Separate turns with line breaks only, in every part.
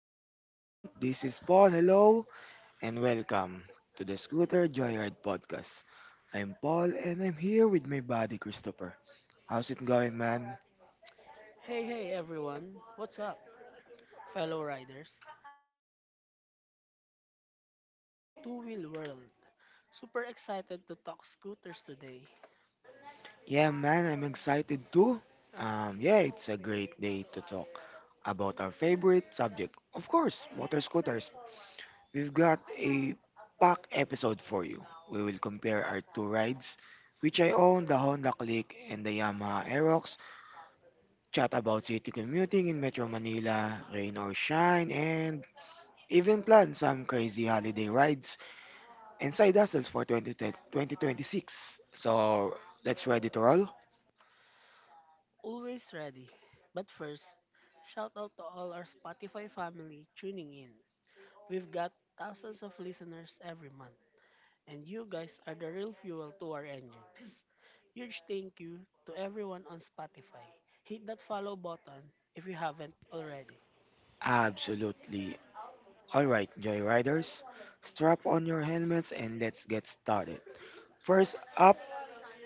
everyone. This is Paul. Hello, and welcome to the Scooter Joyride podcast. I'm Paul, and I'm here with my buddy Christopher. How's it going, man?
Hey, hey everyone, what's up, fellow riders? Christopher here, riding the waves of the two-wheel world. Super excited to talk scooters today.
Yeah, man, I'm excited too. Yeah, it's a great day to talk about our favorite subject. Of course, motor scooters. We've got a pack episode for you. We will compare our two rides, which I own the Honda Click and the Yamaha Aerox, chat about city commuting in Metro Manila, rain or shine, and even plan some crazy holiday rides and side hustles for 2020 2026. So, let's ready to roll?
Always ready. But first, shout out to all our Spotify family tuning in. We've got thousands of listeners every month, and you guys are the real fuel to our engines. Huge thank you to everyone on Spotify. Hit that follow button if you haven't already.
Absolutely. Alright, Joyriders, strap on your helmets and let's get started. First up,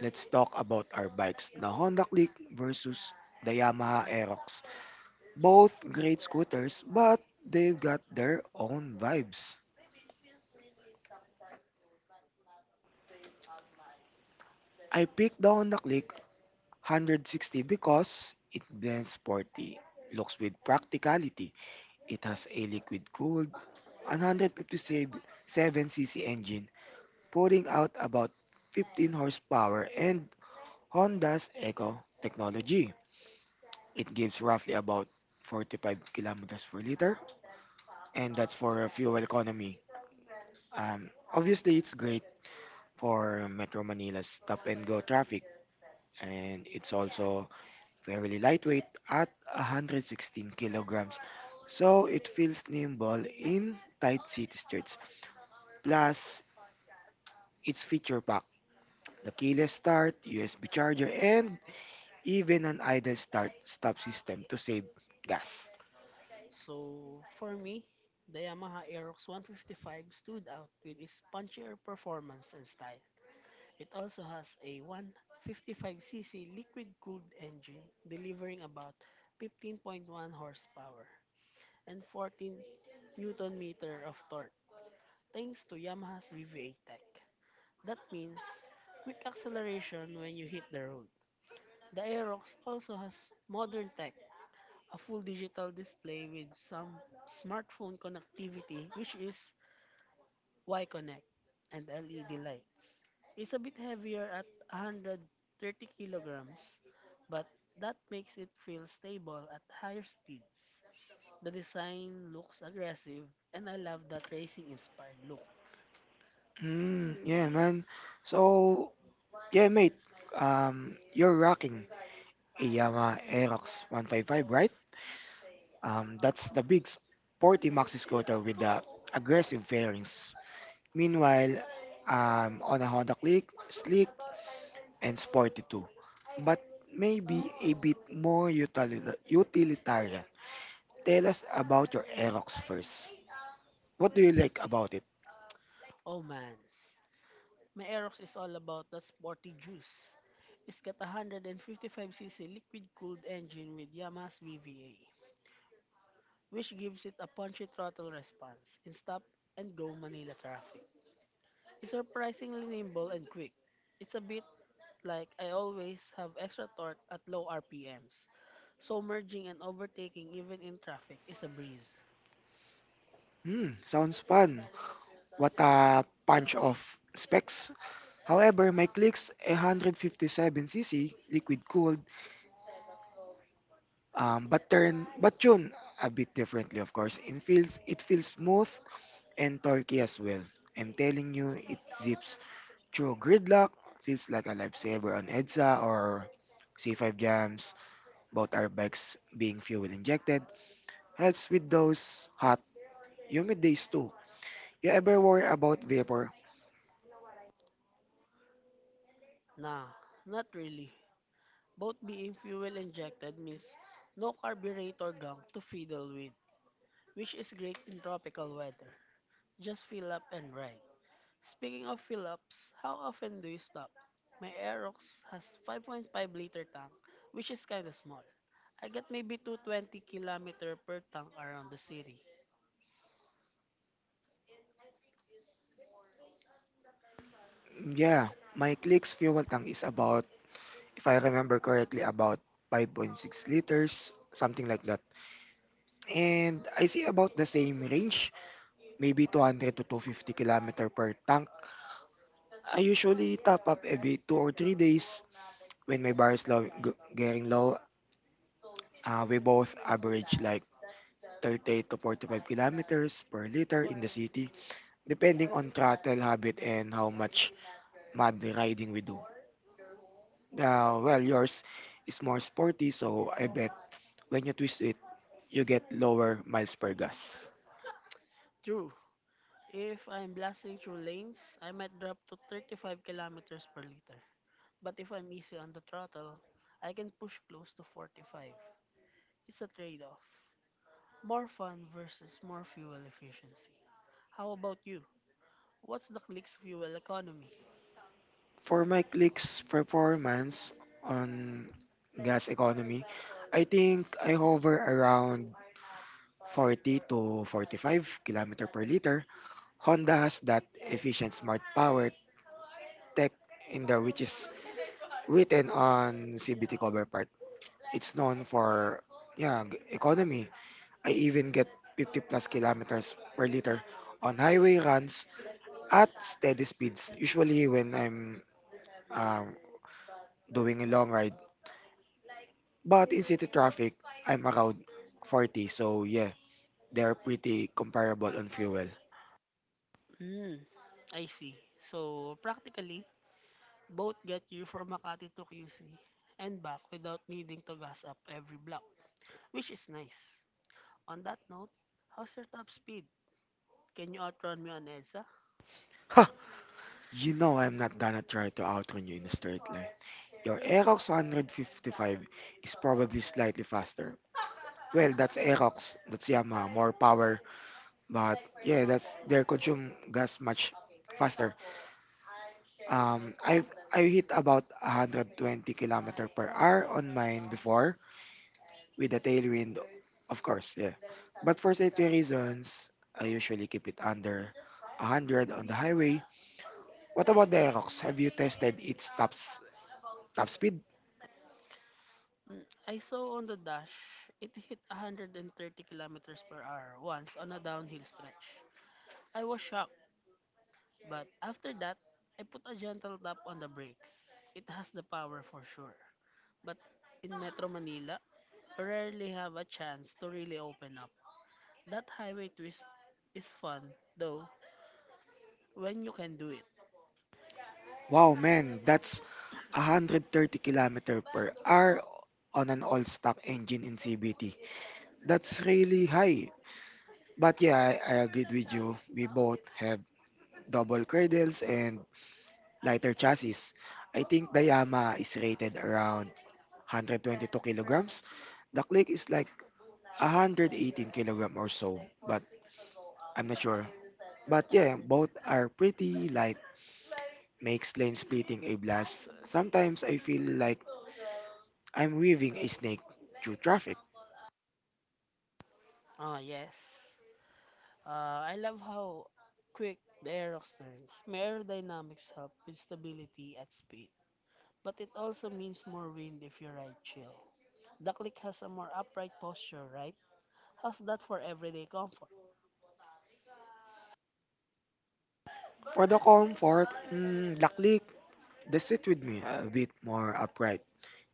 let's talk about our bikes, the Honda Click versus the Yamaha Aerox. Both great scooters, but they've got their own vibes. I picked the Honda Click 160 because it blends sporty, looks with practicality. It has a liquid cooled 157cc engine, putting out about 15 horsepower and Honda's Eco technology. It gives roughly about 45 kilometers per liter, and that's for a fuel economy. Obviously, it's great for Metro Manila's stop and go traffic, and it's also fairly lightweight at 116 kilograms. So it feels nimble in tight city streets. Plus, its feature pack, the keyless start, USB charger, and even an idle start stop system to save gas.
So for me, the Yamaha Aerox 155 stood out with its punchier performance and style. It also has a 155cc liquid-cooled engine delivering about 15.1 horsepower and 14 newton-meter of torque thanks to Yamaha's VVA tech. That means quick acceleration when you hit the road. The Aerox also has modern tech, a full digital display with some smartphone connectivity, which is Y Connect, and LED lights. It's a bit heavier at 130 kilograms, but that makes it feel stable at higher speeds. The design looks aggressive, and I love that racing inspired look.
Mm, yeah, man. So, yeah, mate. You're rocking a Yamaha Aerox 155, right? That's the big sporty maxi scooter with the aggressive fairings. Meanwhile, I'm on a Honda Click, sleek and sporty too, but maybe a bit more utilitarian. Tell us about your Aerox first. What do you like about it?
Oh man, my Aerox is all about that sporty juice. It's got a 155cc liquid cooled engine with Yamaha's VVA, which gives it a punchy throttle response in stop-and-go Manila traffic. It's surprisingly nimble and quick. It's a bit like I always have extra torque at low RPMs, so merging and overtaking even in traffic is a breeze.
Hmm, sounds fun. What a punch of specs. However, my Click's 157cc liquid cooled, but tuned a bit differently, of course. It feels smooth and torquey as well. I'm telling you, it zips. True gridlock feels like a lifesaver on EDSA or C5 jams. Both our bikes being fuel injected helps with those hot, humid days too. You ever worry about vapor?
Nah, not really. Both being fuel injected means no carburetor gunk to fiddle with, which is great in tropical weather. Just fill up and ride. Speaking of fill-ups, how often do you stop? My Aerox has 5.5-liter tank, which is kinda small. I get maybe 220 kilometer per tank around the city.
Yeah, my Click's fuel tank is about, if I remember correctly, about 5.6 liters, something like that. And I see about the same range, maybe 200 to 250 kilometer per tank. I usually top up every 2 or 3 days when my bar is getting low. We both average like 30 to 45 kilometers per liter in the city, depending on throttle habit and how much mud riding we do. Well, yours is more sporty, so I bet when you twist it, you get lower miles per gas.
True, if I'm blasting through lanes, I might drop to 35 kilometers per liter. But if I'm easy on the throttle, I can push close to 45. It's a trade-off. More fun versus more fuel efficiency. How about you? What's the click's fuel economy?
For my click's performance on gas economy, I think I hover around 40 to 45 kilometer per liter. Honda has that efficient smart power tech in the which is written on CBT cover part. It's known for economy. I even get 50 plus kilometers per liter on highway runs at steady speeds, usually when I'm um, doing a long ride. But in city traffic, I'm around 40, so yeah, they're pretty comparable on fuel.
Mm, I see. So, practically, both get you from Makati to QC and back without needing to gas up every block, which is nice. On that note, how's your top speed? Can you outrun me on EDSA?
Ha! You know I'm not gonna try to outrun you in a straight line. Your Aerox 155 is probably slightly faster. Well, that's Aerox, that's Yamaha, more power, but yeah, that's their consume gas much faster. Um, I I hit about 120 kilometer per hour on mine before with a tailwind, of course, yeah. But for safety reasons, I usually keep it under 100 on the highway. What about the Aerox? Have you tested its top speed?
Mm, I saw on the dash, it hit 130 kilometers per hour once on a downhill stretch. I was shocked. But after that, I put a gentle tap on the brakes. It has the power for sure. But in Metro Manila, I rarely have a chance to really open up. That highway twist is fun, though, when you can do it.
Wow, man, that's 130 kilometer per hour on an all-stock engine in CVT. That's really high. But yeah, I agreed with you. We both have double cradles and lighter chassis. I think the Yamaha is rated around 122 kilograms. The Click is like 118 kilogram or so, but I'm not sure. But yeah, both are pretty light. Makes lane splitting a blast. Sometimes I feel like I'm weaving a snake through traffic.
Ah, yes. I love how quick the Aerox turns. May aerodynamics help with stability at speed, but it also means more wind if you ride chill. The click has a more upright posture, right? How's that for everyday comfort?
For the comfort, mm, the Click, they sit with me a bit more upright.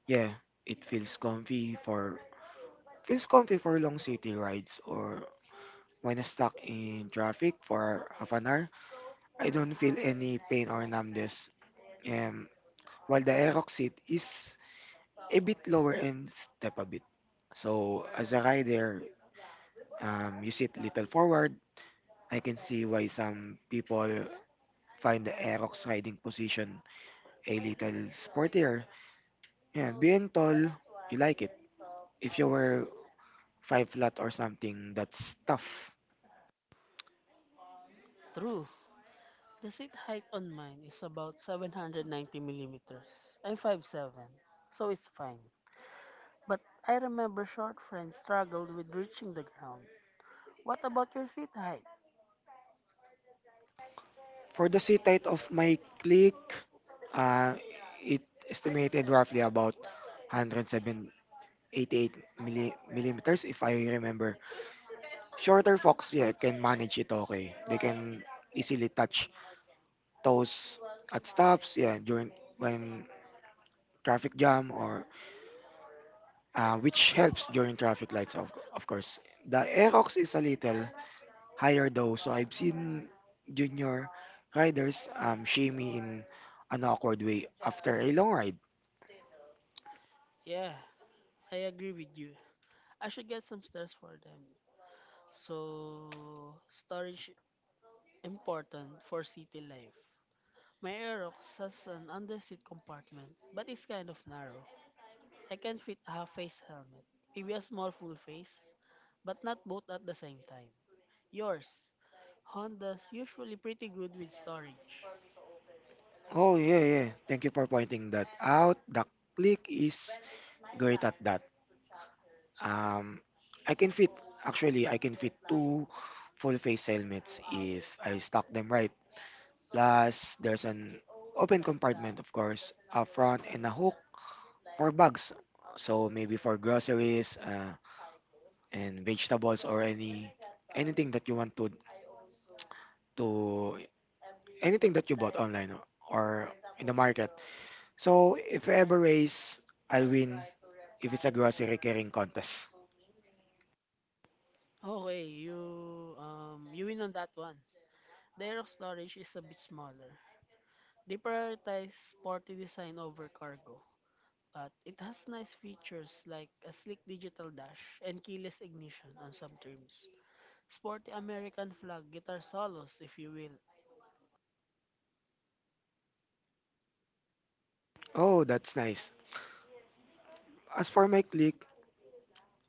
Yeah, it feels comfy for long city rides or when I'm stuck in traffic for half an hour, I don't feel any pain or numbness. Um, while the Aerox seat is a bit lower and step a bit. So as a rider, you sit little forward. I can see why some people find the Aerox riding position a little sportier. Yeah, being tall, you like it. If you were five lot or something. That's tough.
True. The seat height on mine is about 790 millimeters. I'm 5'7", so it's fine. But I remember short friends struggled with reaching the ground. What about your seat height?
For the seat height of my clique, uh, it estimated roughly about 107.88 millimeters if I remember. Shorter fox, yeah, can manage it okay. They can easily touch toes at stops, yeah, during when traffic jam or which helps during traffic lights of course. The Aerox is a little higher though. So I've seen junior riders shimmy in an awkward way after a long ride.
Yeah, I agree with you. I should get some stairs for them. So, storage important for city life. My Aerox has an underseat compartment, but it's kind of narrow. I can fit a half-face helmet, maybe a small full face, but not both at the same time. Yours. Honda's usually pretty good with storage.
Oh yeah, yeah. Thank you for pointing that out. The click is great at that. Um, I can fit actually. I can fit two full face helmets if I stack them right. Plus, there's an open compartment, of course, up front and a hook for bags. So maybe for groceries. And vegetables or anything that you want to anything that you bought online or in the market. So if I ever race, I'll win if it's a grocery carrying contest.
Okay, you you win on that one. Their storage is a bit smaller. They prioritize sporty design over cargo, but it has nice features like a slick digital dash and keyless ignition on some trims. Sporty American flag guitar solos, if you will.
Oh, that's nice. As for my click,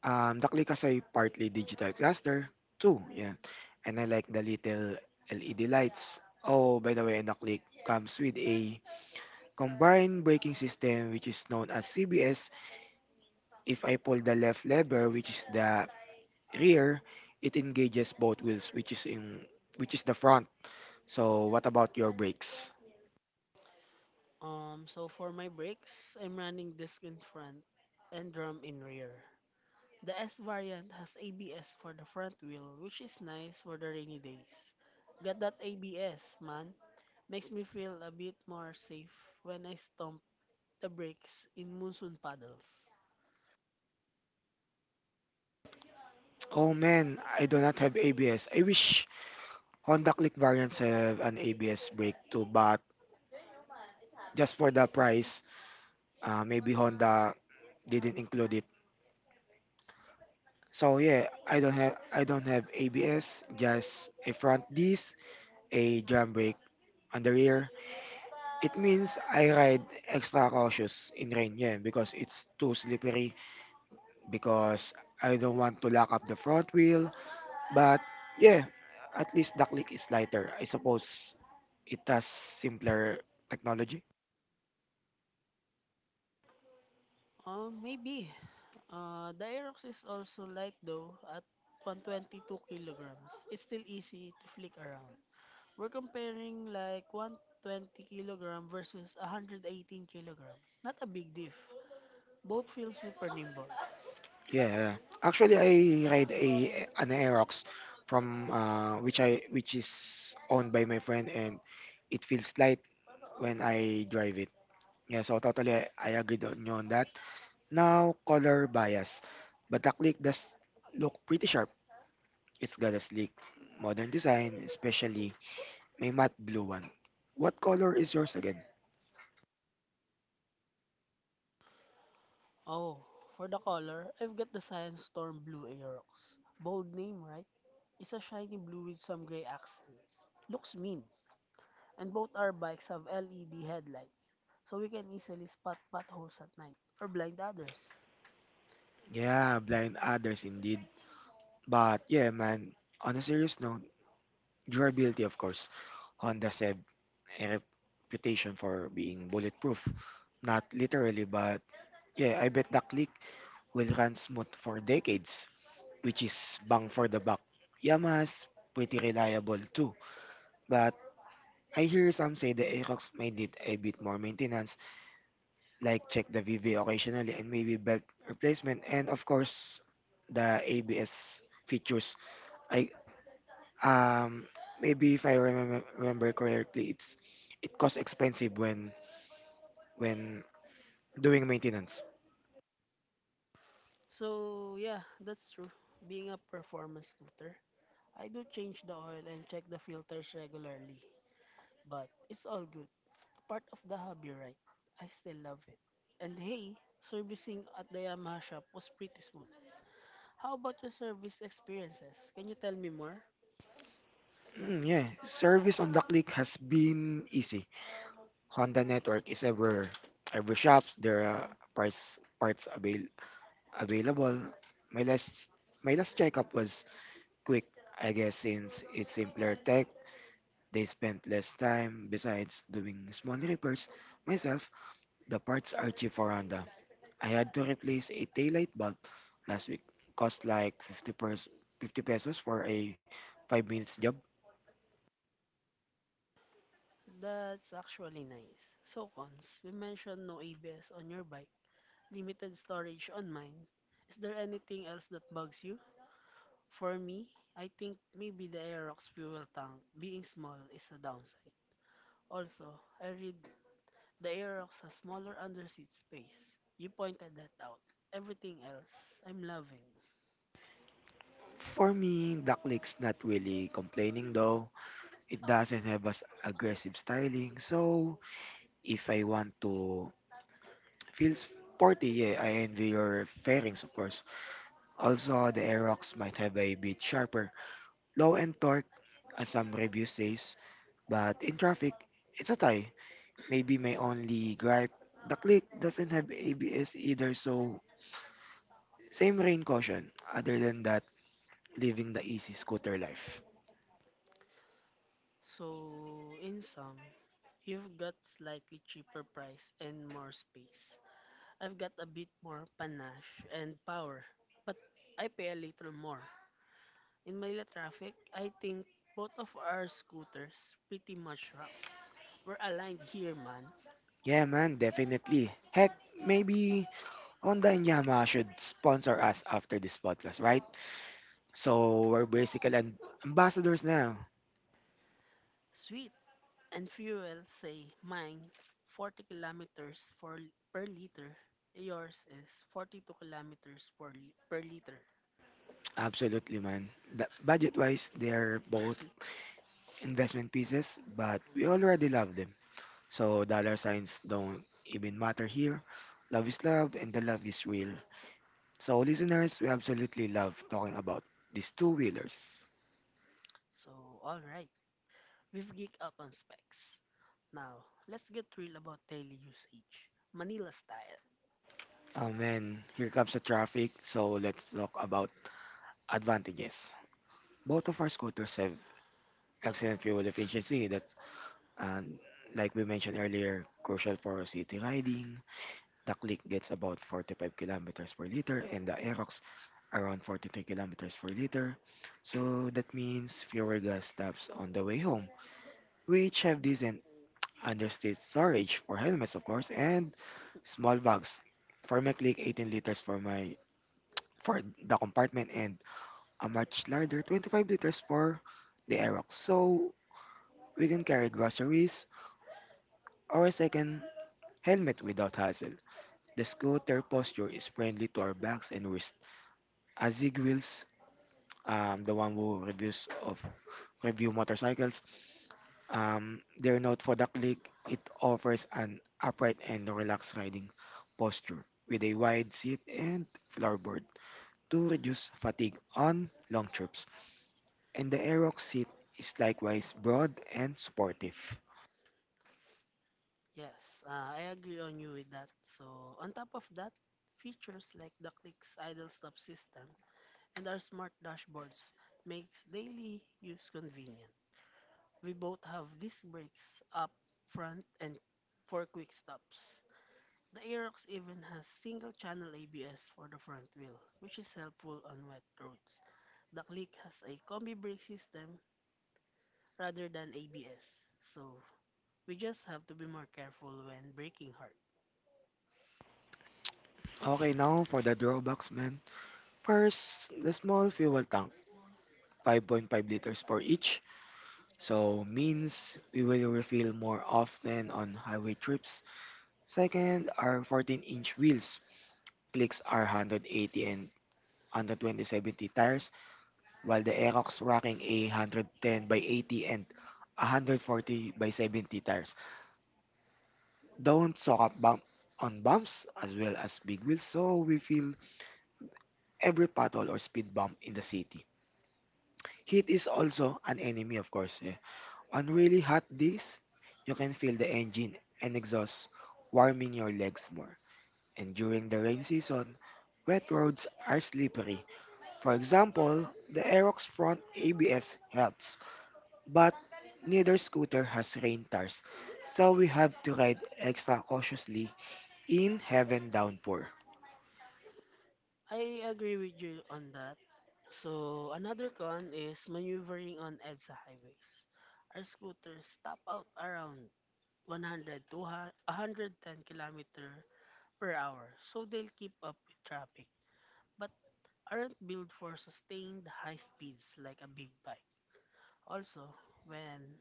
the click has a partly digital cluster too. Yeah, and I like the little LED lights. Oh, by the way, the click comes with a combined braking system which is known as CBS. If I pull the left lever, which is the rear, it engages both wheels, which is in which is the front. So what about your brakes?
So for my brakes, I'm running disc in front and drum in rear. The S variant has ABS for the front wheel, which is nice for the rainy days. Got that ABS, man. Makes me feel a bit more safe when I stomp the brakes in monsoon puddles.
Oh man, I do not have ABS. I wish Honda Click variants have an ABS brake too, but just for the price, maybe Honda didn't include it. So yeah, I don't have ABS, just a front disc, a drum brake on the rear. It means I ride extra cautious in rain, yeah, because it's too slippery because I don't want to lock up the front wheel. But yeah, at least the click is lighter. I suppose it has simpler technology.
Maybe the Aerox is also light though at 122 kilograms. It's still easy to flick around. We're comparing like 120 kilogram versus 118 kilogram. Not a big diff. Both feel super nimble.
Yeah, yeah. Actually I ride a an Aerox from which I which is owned by my friend and it feels light when I drive it. Yeah, so totally I agreed on you on that. Now color bias, but the click does look pretty sharp. It's got a sleek modern design, especially May matte blue one. What color is yours again?
Oh, for the color, I've got the Science Storm Blue Aerox. Bold name, right? It's a shiny blue with some gray accents. Looks mean. And both our bikes have LED headlights, so we can easily spot potholes at night or blind others.
Yeah, blind others indeed. But yeah, man, on a serious note, durability of course. Honda said a reputation for being bulletproof. Not literally, but yeah, I bet the click will run smooth for decades, which is bang for the buck. Yamaha's pretty reliable too, but I hear some say the Aerox may need a bit more maintenance like check the VV occasionally and maybe belt replacement and of course the ABS features. I um maybe if I remember correctly, it's it costs expensive when doing maintenance.
So, yeah, that's true. Being a performance scooter, I do change the oil and check the filters regularly. But it's all good. Part of the hobby, right? I still love it. And hey, servicing at the Yamaha shop was pretty smooth. How about your service experiences? Can you tell me more?
Mm, yeah, service on the click has been easy. Honda network is ever shops. There are price parts available. My last my last checkup was quick, I guess, since it's simpler tech. They spent less time. Besides doing small repairs myself, the parts are cheap for Honda. I had to replace a taillight bulb last week. Cost like 50 pesos for a 5 minutes job.
That's actually nice. So, Cons, you mentioned no ABS on your bike, limited storage on mine. Is there anything else that bugs you? For me, I think maybe the Aerox fuel tank being small is a downside. Also, I read the Aerox has smaller underseat space. You pointed that out. Everything else, I'm loving.
For me, Ducklick's not really complaining though. It doesn't have as aggressive styling. So, if I want to feel sporty, yeah, I envy your fairings of course. Also, the Aerox might have a bit sharper low and torque, as some reviews says, but in traffic, it's a tie. Maybe my only gripe, the click doesn't have ABS either, so same rain caution. Other than that, living the easy scooter life.
So, in sum, you've got slightly cheaper price and more space. I've got a bit more panache and power, but I pay a little more. In Manila traffic, I think both of our scooters pretty much rock. We're aligned here, man.
Yeah, man, definitely. Heck, maybe Honda and Yamaha should sponsor us after this podcast, right? So we're basically ambassadors now.
Sweet and fuel say mine 40 kilometers for, per liter. Yours is 42 kilometers per, li- per liter.
Absolutely, man. The, budget-wise, they're both investment pieces, but we
Mm.
already love them. So dollar signs don't even matter here. Love is love and the love is real. So listeners, we absolutely love talking about these two wheelers.
So, alright. We've geeked out on specs. Now, let's get real about daily usage. Manila style.
And here comes the traffic. So let's talk about advantages. Both of our scooters have excellent fuel efficiency. That's and like we mentioned earlier, crucial for city riding. The click gets about 45 kilometers per liter and the Aerox around 43 kilometers per liter. So that means fewer gas stops on the way home, which have decent understate storage for helmets, of course, and small bags. For my click, 18 liters for the compartment and a much larger 25 liters for the Aerox. So we can carry groceries or a second helmet without hassle. The scooter posture is friendly to our backs, and we're Azig Wheels, the one who reviews of review motorcycles. Their note for the Click, it offers an upright and relaxed riding posture with a wide seat and floorboard to reduce fatigue on long trips. And the Aerox seat is likewise broad and supportive.
Yes, I agree on you with that. So, on top of that, features like DuckLink's idle stop system and our smart dashboards makes daily use convenient. We both have disc brakes up front and four quick stops. The Aerox even has single channel ABS for the front wheel, which is helpful on wet roads. The Click has a combi brake system rather than ABS. So we just have to be more careful when breaking hard.
Okay, now for the drawbacks, man. First, the small fuel tank, 5.5 liters for each. So means we will refill more often on highway trips. Second, our 14-inch wheels, clicks are 180 and 120 70 tires, while the Aerox rocking a 110 by 80 and 140 by 70 tires. Don't soak up bump on bumps as well as big wheels, so we feel every pothole or speed bump in the city. Heat is also an enemy, of course. Eh. On really hot days, you can feel the engine and exhaust warming your legs more. And during the rain season, wet roads are slippery. For example, the Aerox front ABS helps, but neither scooter has rain tires, so we have to ride extra cautiously in heaven downpour.
I agree with you on that. So another con is maneuvering on EDSA highways. Our scooters top out around 100 to 110 kilometer per hour, so they'll keep up with traffic, but aren't built for sustained high speeds like a big bike. Also, when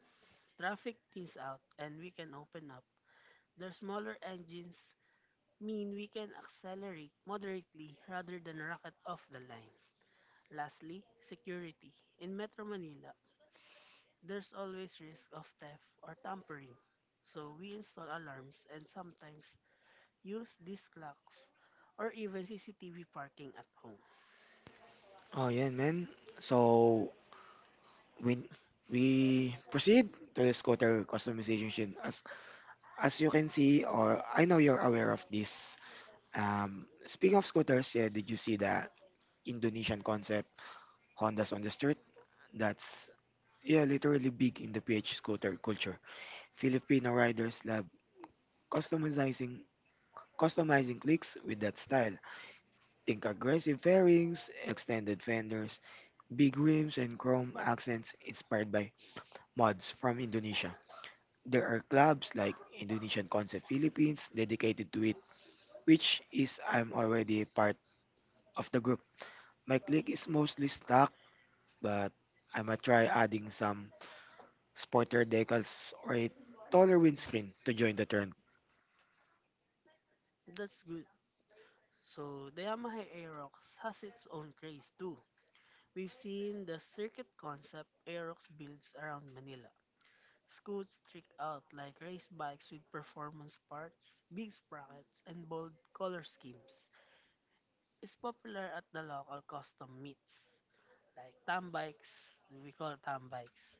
traffic thins out and we can open up, their smaller engines mean we can accelerate moderately rather than rocket off the line. Lastly, security. In Metro Manila, there's always risk of theft or tampering. So we install alarms and sometimes use these clocks or even CCTV parking at home.
Oh, yan, man. So, when we proceed to the scooter customization as you can see, or I know you're aware of this. Speaking of scooters, yeah, did you see that Indonesian concept, Hondas on the street? That's yeah, literally big in the PH scooter culture. Filipino riders love customizing customizing clicks with that style. Think aggressive fairings, extended fenders, big rims, and chrome accents inspired by mods from Indonesia. There are clubs like Indonesian Concept Philippines dedicated to it, which is I'm already part of the group. My clique is mostly stuck, but I might try adding some sporter decals or a taller windscreen to join the trend.
That's good. So the Yamaha Aerox has its own craze too. We've seen the circuit concept Aerox builds around Manila. Scoots trick out like race bikes with performance parts, big sprockets, and bold color schemes. It's popular at the local custom meets, like tam bikes, we call tam bikes.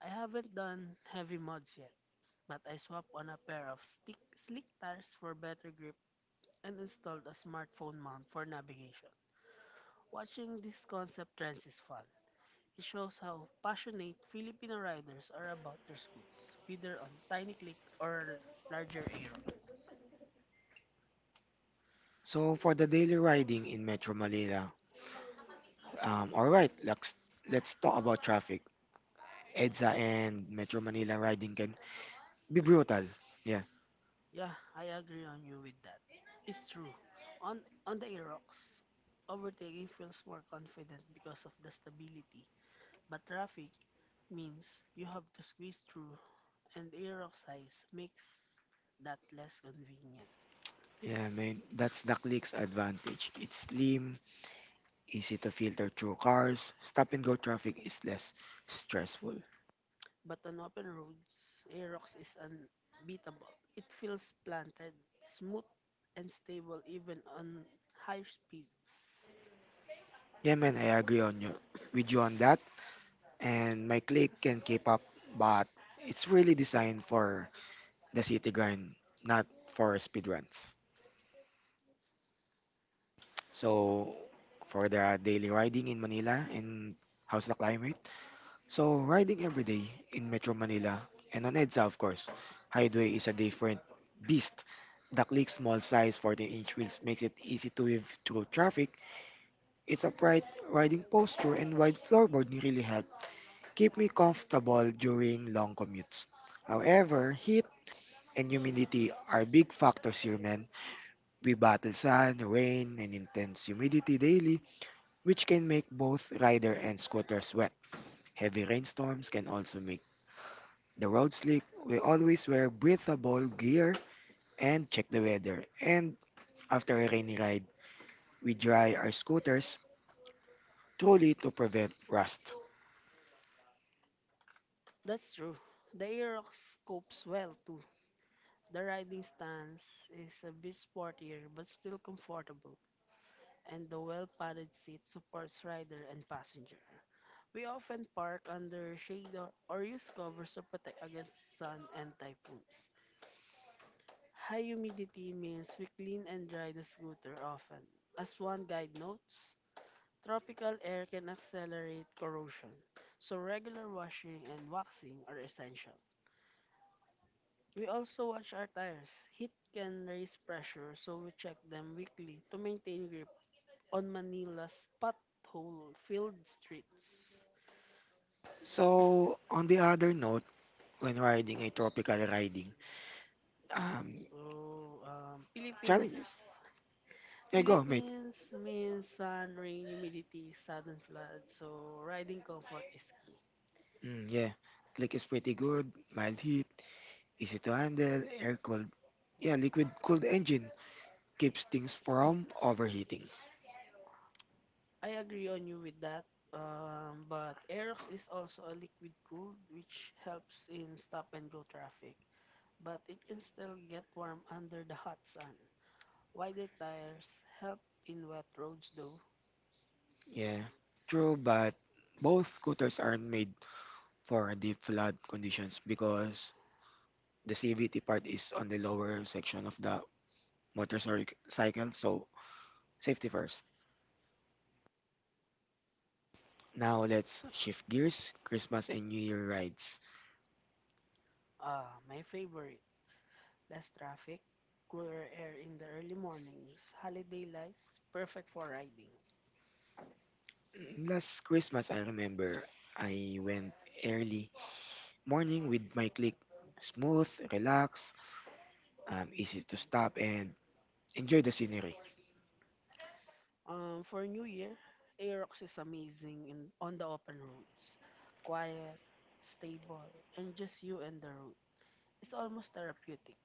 I haven't done heavy mods yet, but I swapped on a pair of slick tires for better grip and installed a smartphone mount for navigation. Watching this concept trends is fun. It shows how passionate Filipino riders are about their scoots, whether on tiny click or larger aero.
So for the daily riding in Metro Manila, all right, let's talk about traffic. EDSA and Metro Manila riding can be brutal. Yeah,
Yeah, I agree on you with that. It's true. On on the Aerox, overtaking feels more confident because of the stability, but traffic means you have to squeeze through and Aerox size makes that less convenient.
yeah, man. That's the clique's advantage. It's slim, easy to filter through cars. Stop and go traffic is less stressful.
But on open roads, Aerox is unbeatable. It feels planted, smooth, and stable even on higher speeds.
Yeah, man, I agree on you with you on that. And my clique can keep up, but it's really designed for the city grind, not for speed runs. So for the daily riding in Manila, and how's the climate? So riding every day in Metro Manila and on EDSA, of course. Highway is a different beast. The clique's small size 14-inch wheels makes it easy to weave through traffic. It's upright riding posture and wide floorboard really help keep me comfortable during long commutes. However, heat and humidity are big factors here, man. We battle sun, rain, and intense humidity daily, which can make both rider and scooters sweat. Heavy rainstorms can also make the road slick. We always wear breathable gear and check the weather. And after a rainy ride, we dry our scooters truly to prevent rust.
That's true. The Aerox copes well too. The riding stance is a bit sportier but still comfortable, and the well padded seat supports rider and passenger. We often park under shade or use covers to protect against sun and typhoons. High humidity means we clean and dry the scooter often. As one guide notes, tropical air can accelerate corrosion, so regular washing and waxing are essential. We also watch our tires. Heat can raise pressure, so we check them weekly to maintain grip on Manila's pothole-filled streets.
So, on the other note, when riding a tropical riding, um,
So,
challenges. Yeah, go, mate.
Philippines means sun, rain, humidity, sudden flood. So riding comfort is key.
Mm, yeah. Click is pretty good. Mild heat. Easy to handle. Air cooled. Yeah, liquid cooled engine. Keeps things from overheating.
I agree on you with that. But Aerox is also a liquid cooled, which helps in stop and go traffic. But it can still get warm under the hot sun. Wider tires help in wet roads, though.
Yeah. True, but both scooters aren't made for deep flood conditions because the CVT part is on the lower section of the motorcycle, so safety first. Now let's shift gears. Christmas and New Year rides.
Ah, my favorite. Less traffic, cooler air in the early mornings, holiday lights, perfect for riding.
Mm, last Christmas, I remember I went early morning with my clique. Smooth, relaxed, easy to stop and enjoy the scenery.
For New Year, Aerox is amazing in, on the open roads. Quiet, stable, and just you and the road. It's almost therapeutic.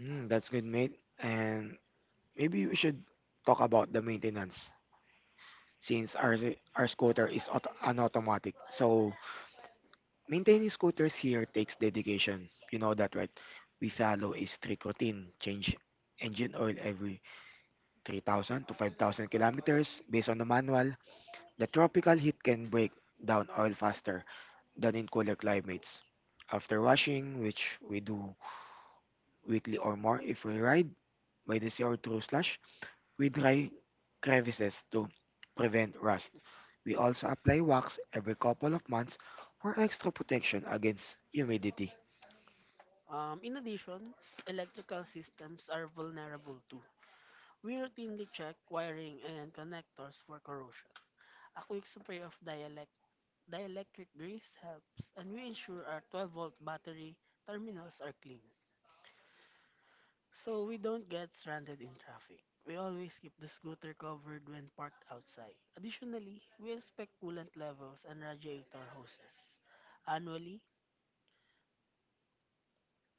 Mm, that's good, mate. And maybe we should talk about the maintenance, since our scooter is auto, an automatic. So maintaining scooters here takes dedication. You know that, right? We follow a strict routine. Change engine oil every 3,000 to 5,000 kilometers based on the manual. The tropical heat can break down oil faster than in colder climates. After washing, which we do weekly, or more if we ride by the sea or through slush, we dry crevices to prevent rust. We also apply wax every couple of months for extra protection against humidity.
In addition, electrical systems are vulnerable too. We routinely check wiring and connectors for corrosion. A quick spray of dielectric grease helps, and we ensure our 12-volt battery terminals are clean. So we don't get stranded in traffic. We always keep the scooter covered when parked outside. Additionally, we inspect coolant levels and radiator hoses. Annually,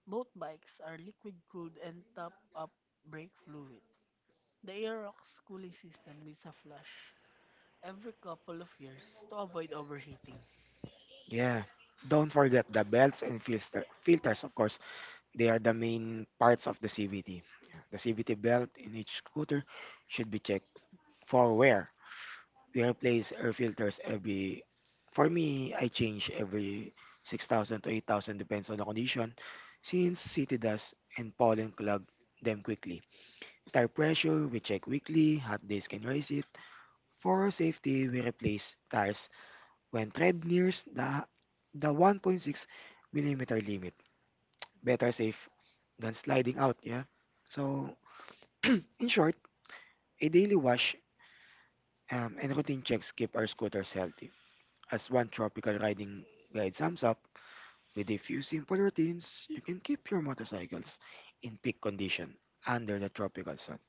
both bikes are liquid cooled and top up brake fluid. The Aerox cooling system needs a flush every couple of years to avoid overheating.
Yeah. Don't forget the belts and filters, of course. They are the main parts of the CVT. The CVT belt in each scooter should be checked for wear. We replace air filters every, for me I change every 6,000 to 8,000, depends on the condition, since city dust and pollen clog them quickly. Tire pressure, we check weekly. Hot days can raise it. For safety, we replace tires when tread nears the 1.6 millimeter limit. Better safe than sliding out, yeah. So in short, a daily wash and routine checks keep our scooters healthy. As one tropical riding guide sums up, with a few simple routines, you can keep your motorcycles in peak condition under the tropical sun.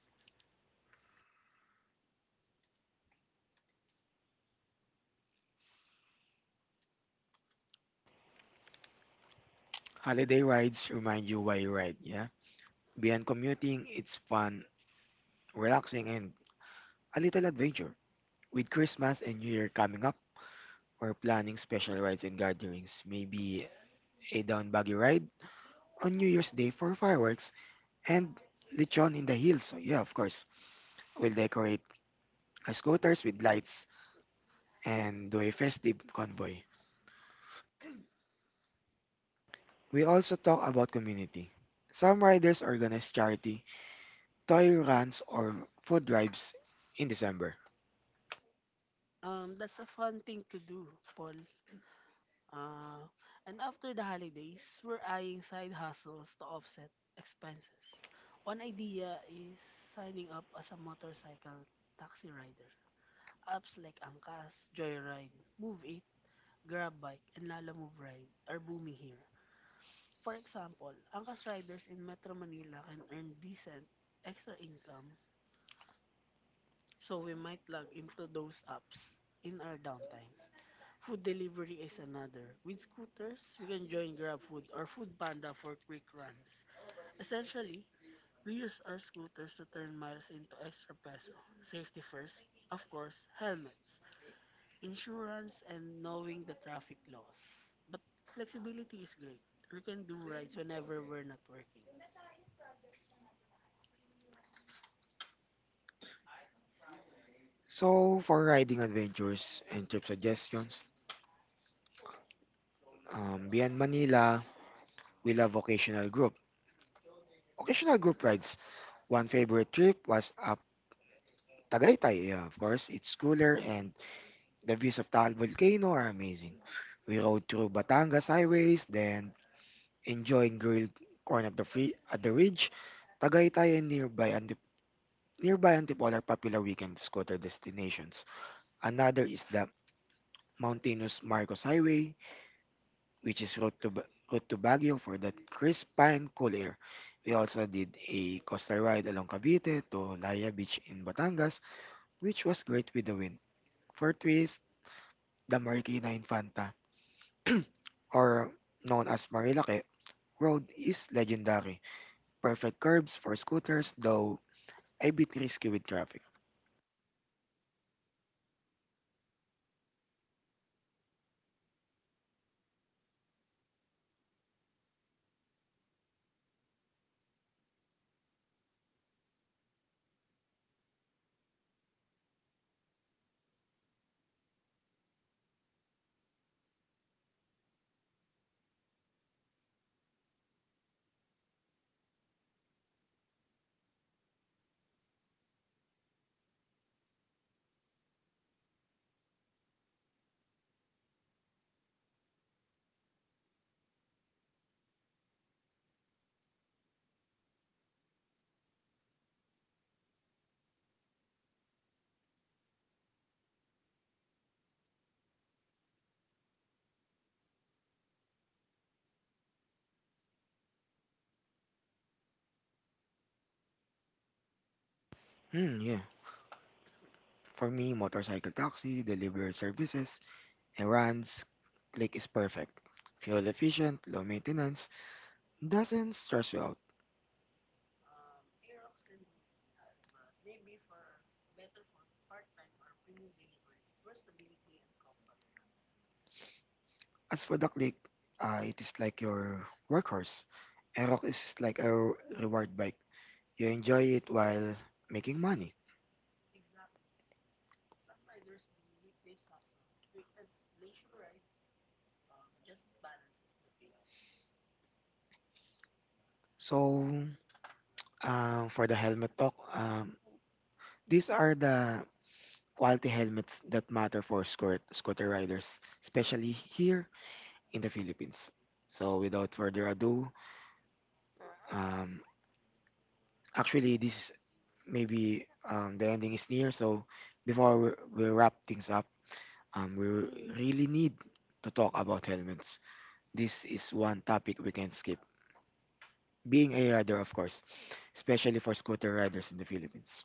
Holiday rides remind you why you ride, yeah? Beyond commuting, it's fun, relaxing, and a little adventure. With Christmas and New Year coming up, we're planning special rides and gatherings, maybe a down buggy ride on New Year's Day for fireworks, and lechon in the hills, yeah, of course. We'll decorate our scooters with lights and do a festive convoy. We also talk about community. Some riders organize charity, toy runs, or food drives in December.
That's a fun thing to do, Paul. Uh, and after the holidays, we're eyeing side hustles to offset expenses. One idea is signing up as a motorcycle taxi rider. Apps like Angkas, Joyride, Move It, GrabBike, and Lala Move Ride are booming here. For example, Angkas riders in Metro Manila can earn decent extra income, so we might plug into those apps in our downtime. Food delivery is another. With scooters, we can join GrabFood or FoodPanda for quick runs. Essentially, we use our scooters to turn miles into extra peso. Safety first, of course, helmets, insurance, and knowing the traffic laws. But flexibility is great. We can do rides whenever we're not working.
So, for riding adventures and trip suggestions, beyond Manila, we love occasional group rides. One favorite trip was up Tagaytay. Yeah, of course, it's cooler and the views of Taal Volcano are amazing. We rode through Batangas highways, then enjoying grilled corn at the at the ridge. Tagaytay and nearby Antipolo are popular weekend scooter destinations. Another is the mountainous Marcos Highway, which is route to Baguio for that crisp and cool air. We also did a coastal ride along Cavite to Laya Beach in Batangas, which was great with the wind. For twist, the Marikina Infanta, or known as Marilake, road is legendary. Perfect curves for scooters, though a bit risky with traffic. Hmm, yeah. For me, motorcycle taxi, delivery services, errands, click is perfect. Fuel efficient, low maintenance, doesn't stress you out. As for the click, it is like your workhorse. Aerox is like a reward bike. You enjoy it while making money. So, for the helmet talk, these are the quality helmets that matter for scooter riders, especially here in the Philippines. So, without further ado, um, actually, this maybe the ending is near, so before we, we wrap things up, we really need to talk about helmets. This is one topic we can't skip. Being a rider, of course, especially for scooter riders in the Philippines.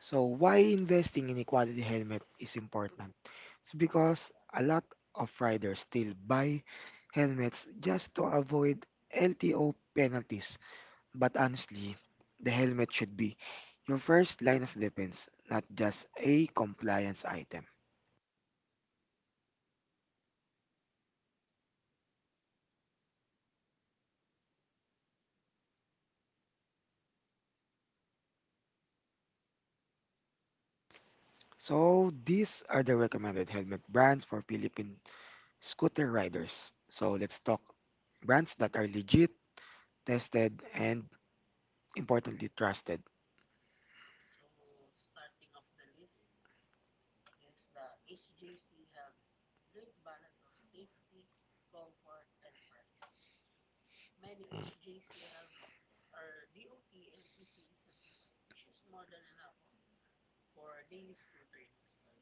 So, why investing in a quality helmet is important? It's because a lot of riders still buy helmets just to avoid LTO penalties. But honestly, the helmet should be your first line of defense, not just a compliance item. So these are the recommended helmet brands for Philippine scooter riders. So let's talk brands that are legit, tested, and importantly trusted. Mm.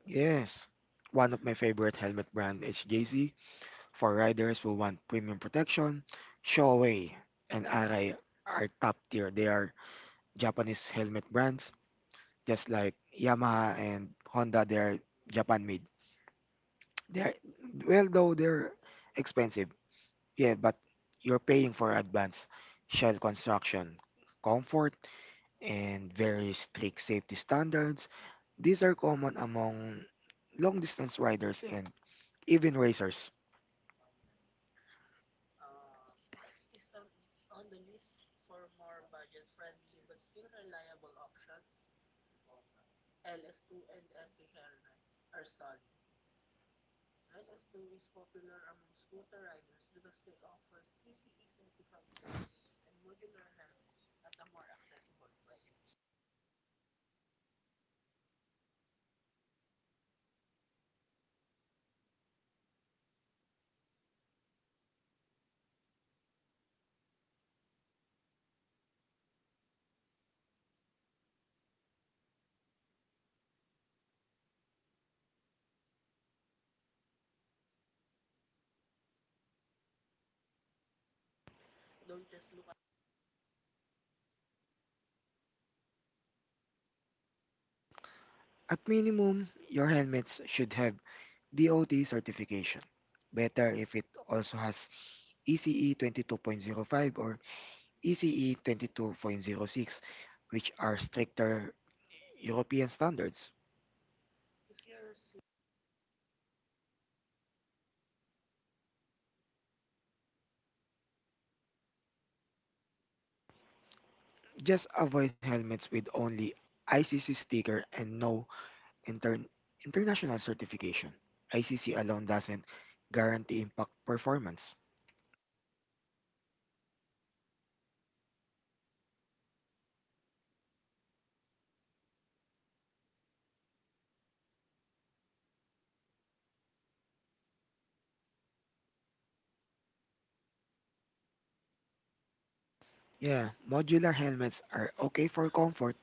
Yes, one of my favorite helmet brand HJC. For riders who want premium protection, Shoei and Arai are top tier. They are Japanese helmet brands, just like Yamaha and Honda. They are Japan made. They're well, though they're expensive, yeah, but you're paying for advanced shell construction, comfort, and very strict safety standards. These are common among long distance riders and even racers. At minimum, your helmets should have DOT certification. Better if it also has ECE 22.05 or ECE 22.06, which are stricter European standards. Just avoid helmets with only ICC sticker and no inter- international certification. ICC alone doesn't guarantee impact performance. Yeah, modular helmets are okay for comfort,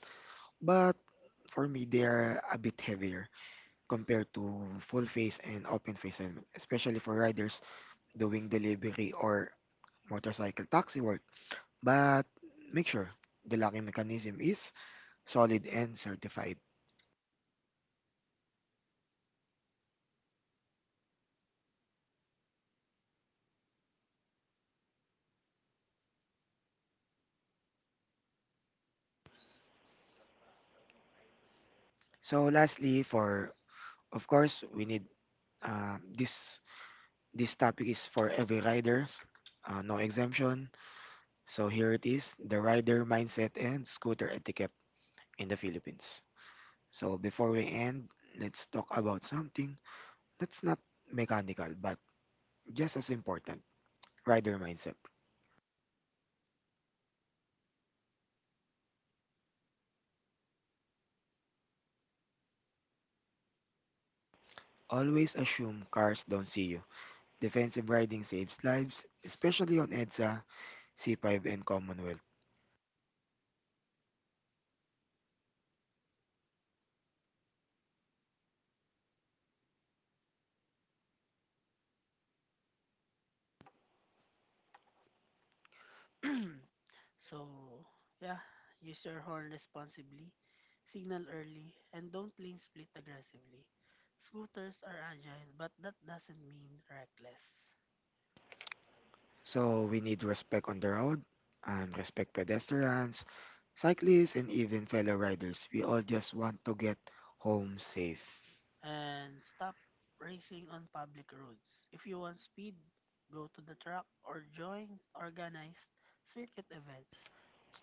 but for me they are a bit heavier compared to full face and open face helmet, especially for riders doing delivery or motorcycle taxi work. But make sure the locking mechanism is solid and certified. So lastly, for of course we need this this topic is for every riders, no exemption. So here it is, the rider mindset and scooter etiquette in the Philippines. So before we end, let's talk about something that's not mechanical but just as important, rider mindset. Always assume cars don't see you. Defensive riding saves lives, especially on EDSA, C5, and Commonwealth.
So, yeah, use your horn responsibly, signal early, and don't lane split aggressively. Scooters are agile, but that doesn't mean reckless.
So we need respect on the road and respect pedestrians, cyclists, and even fellow riders. We all just want to get home safe.
And stop racing on public roads. If you want speed, go to the track or join organized circuit events,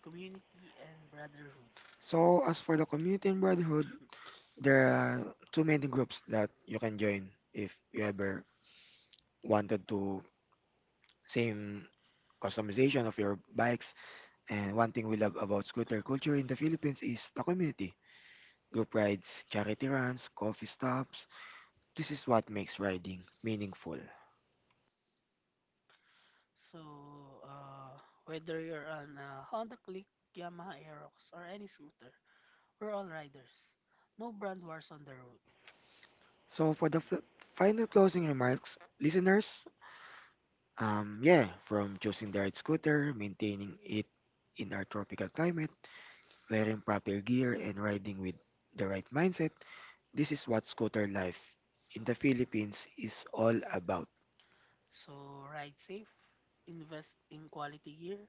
community, and brotherhood.
So as for the community and brotherhood, there are too many groups that you can join if you ever wanted to same customization of your bikes. And one thing we love about scooter culture in the Philippines is the community. Group rides, charity runs, coffee stops. This is what makes riding meaningful.
So, whether you're on a Honda Click, Yamaha Aerox, or any scooter, we're all riders. No brand wars on the road.
So for the final closing remarks, listeners, yeah, from choosing the right scooter, maintaining it in our tropical climate, wearing proper gear, and riding with the right mindset, this is what scooter life in the Philippines is all about.
So ride safe, invest in quality gear,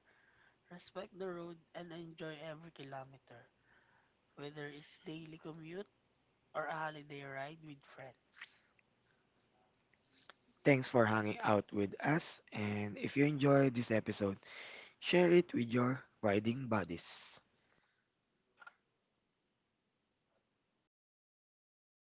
respect the road, and enjoy every kilometer, whether it's daily commute or a holiday ride with friends.
Thanks for hanging out with us. And if you enjoyed this episode, share it with your riding buddies.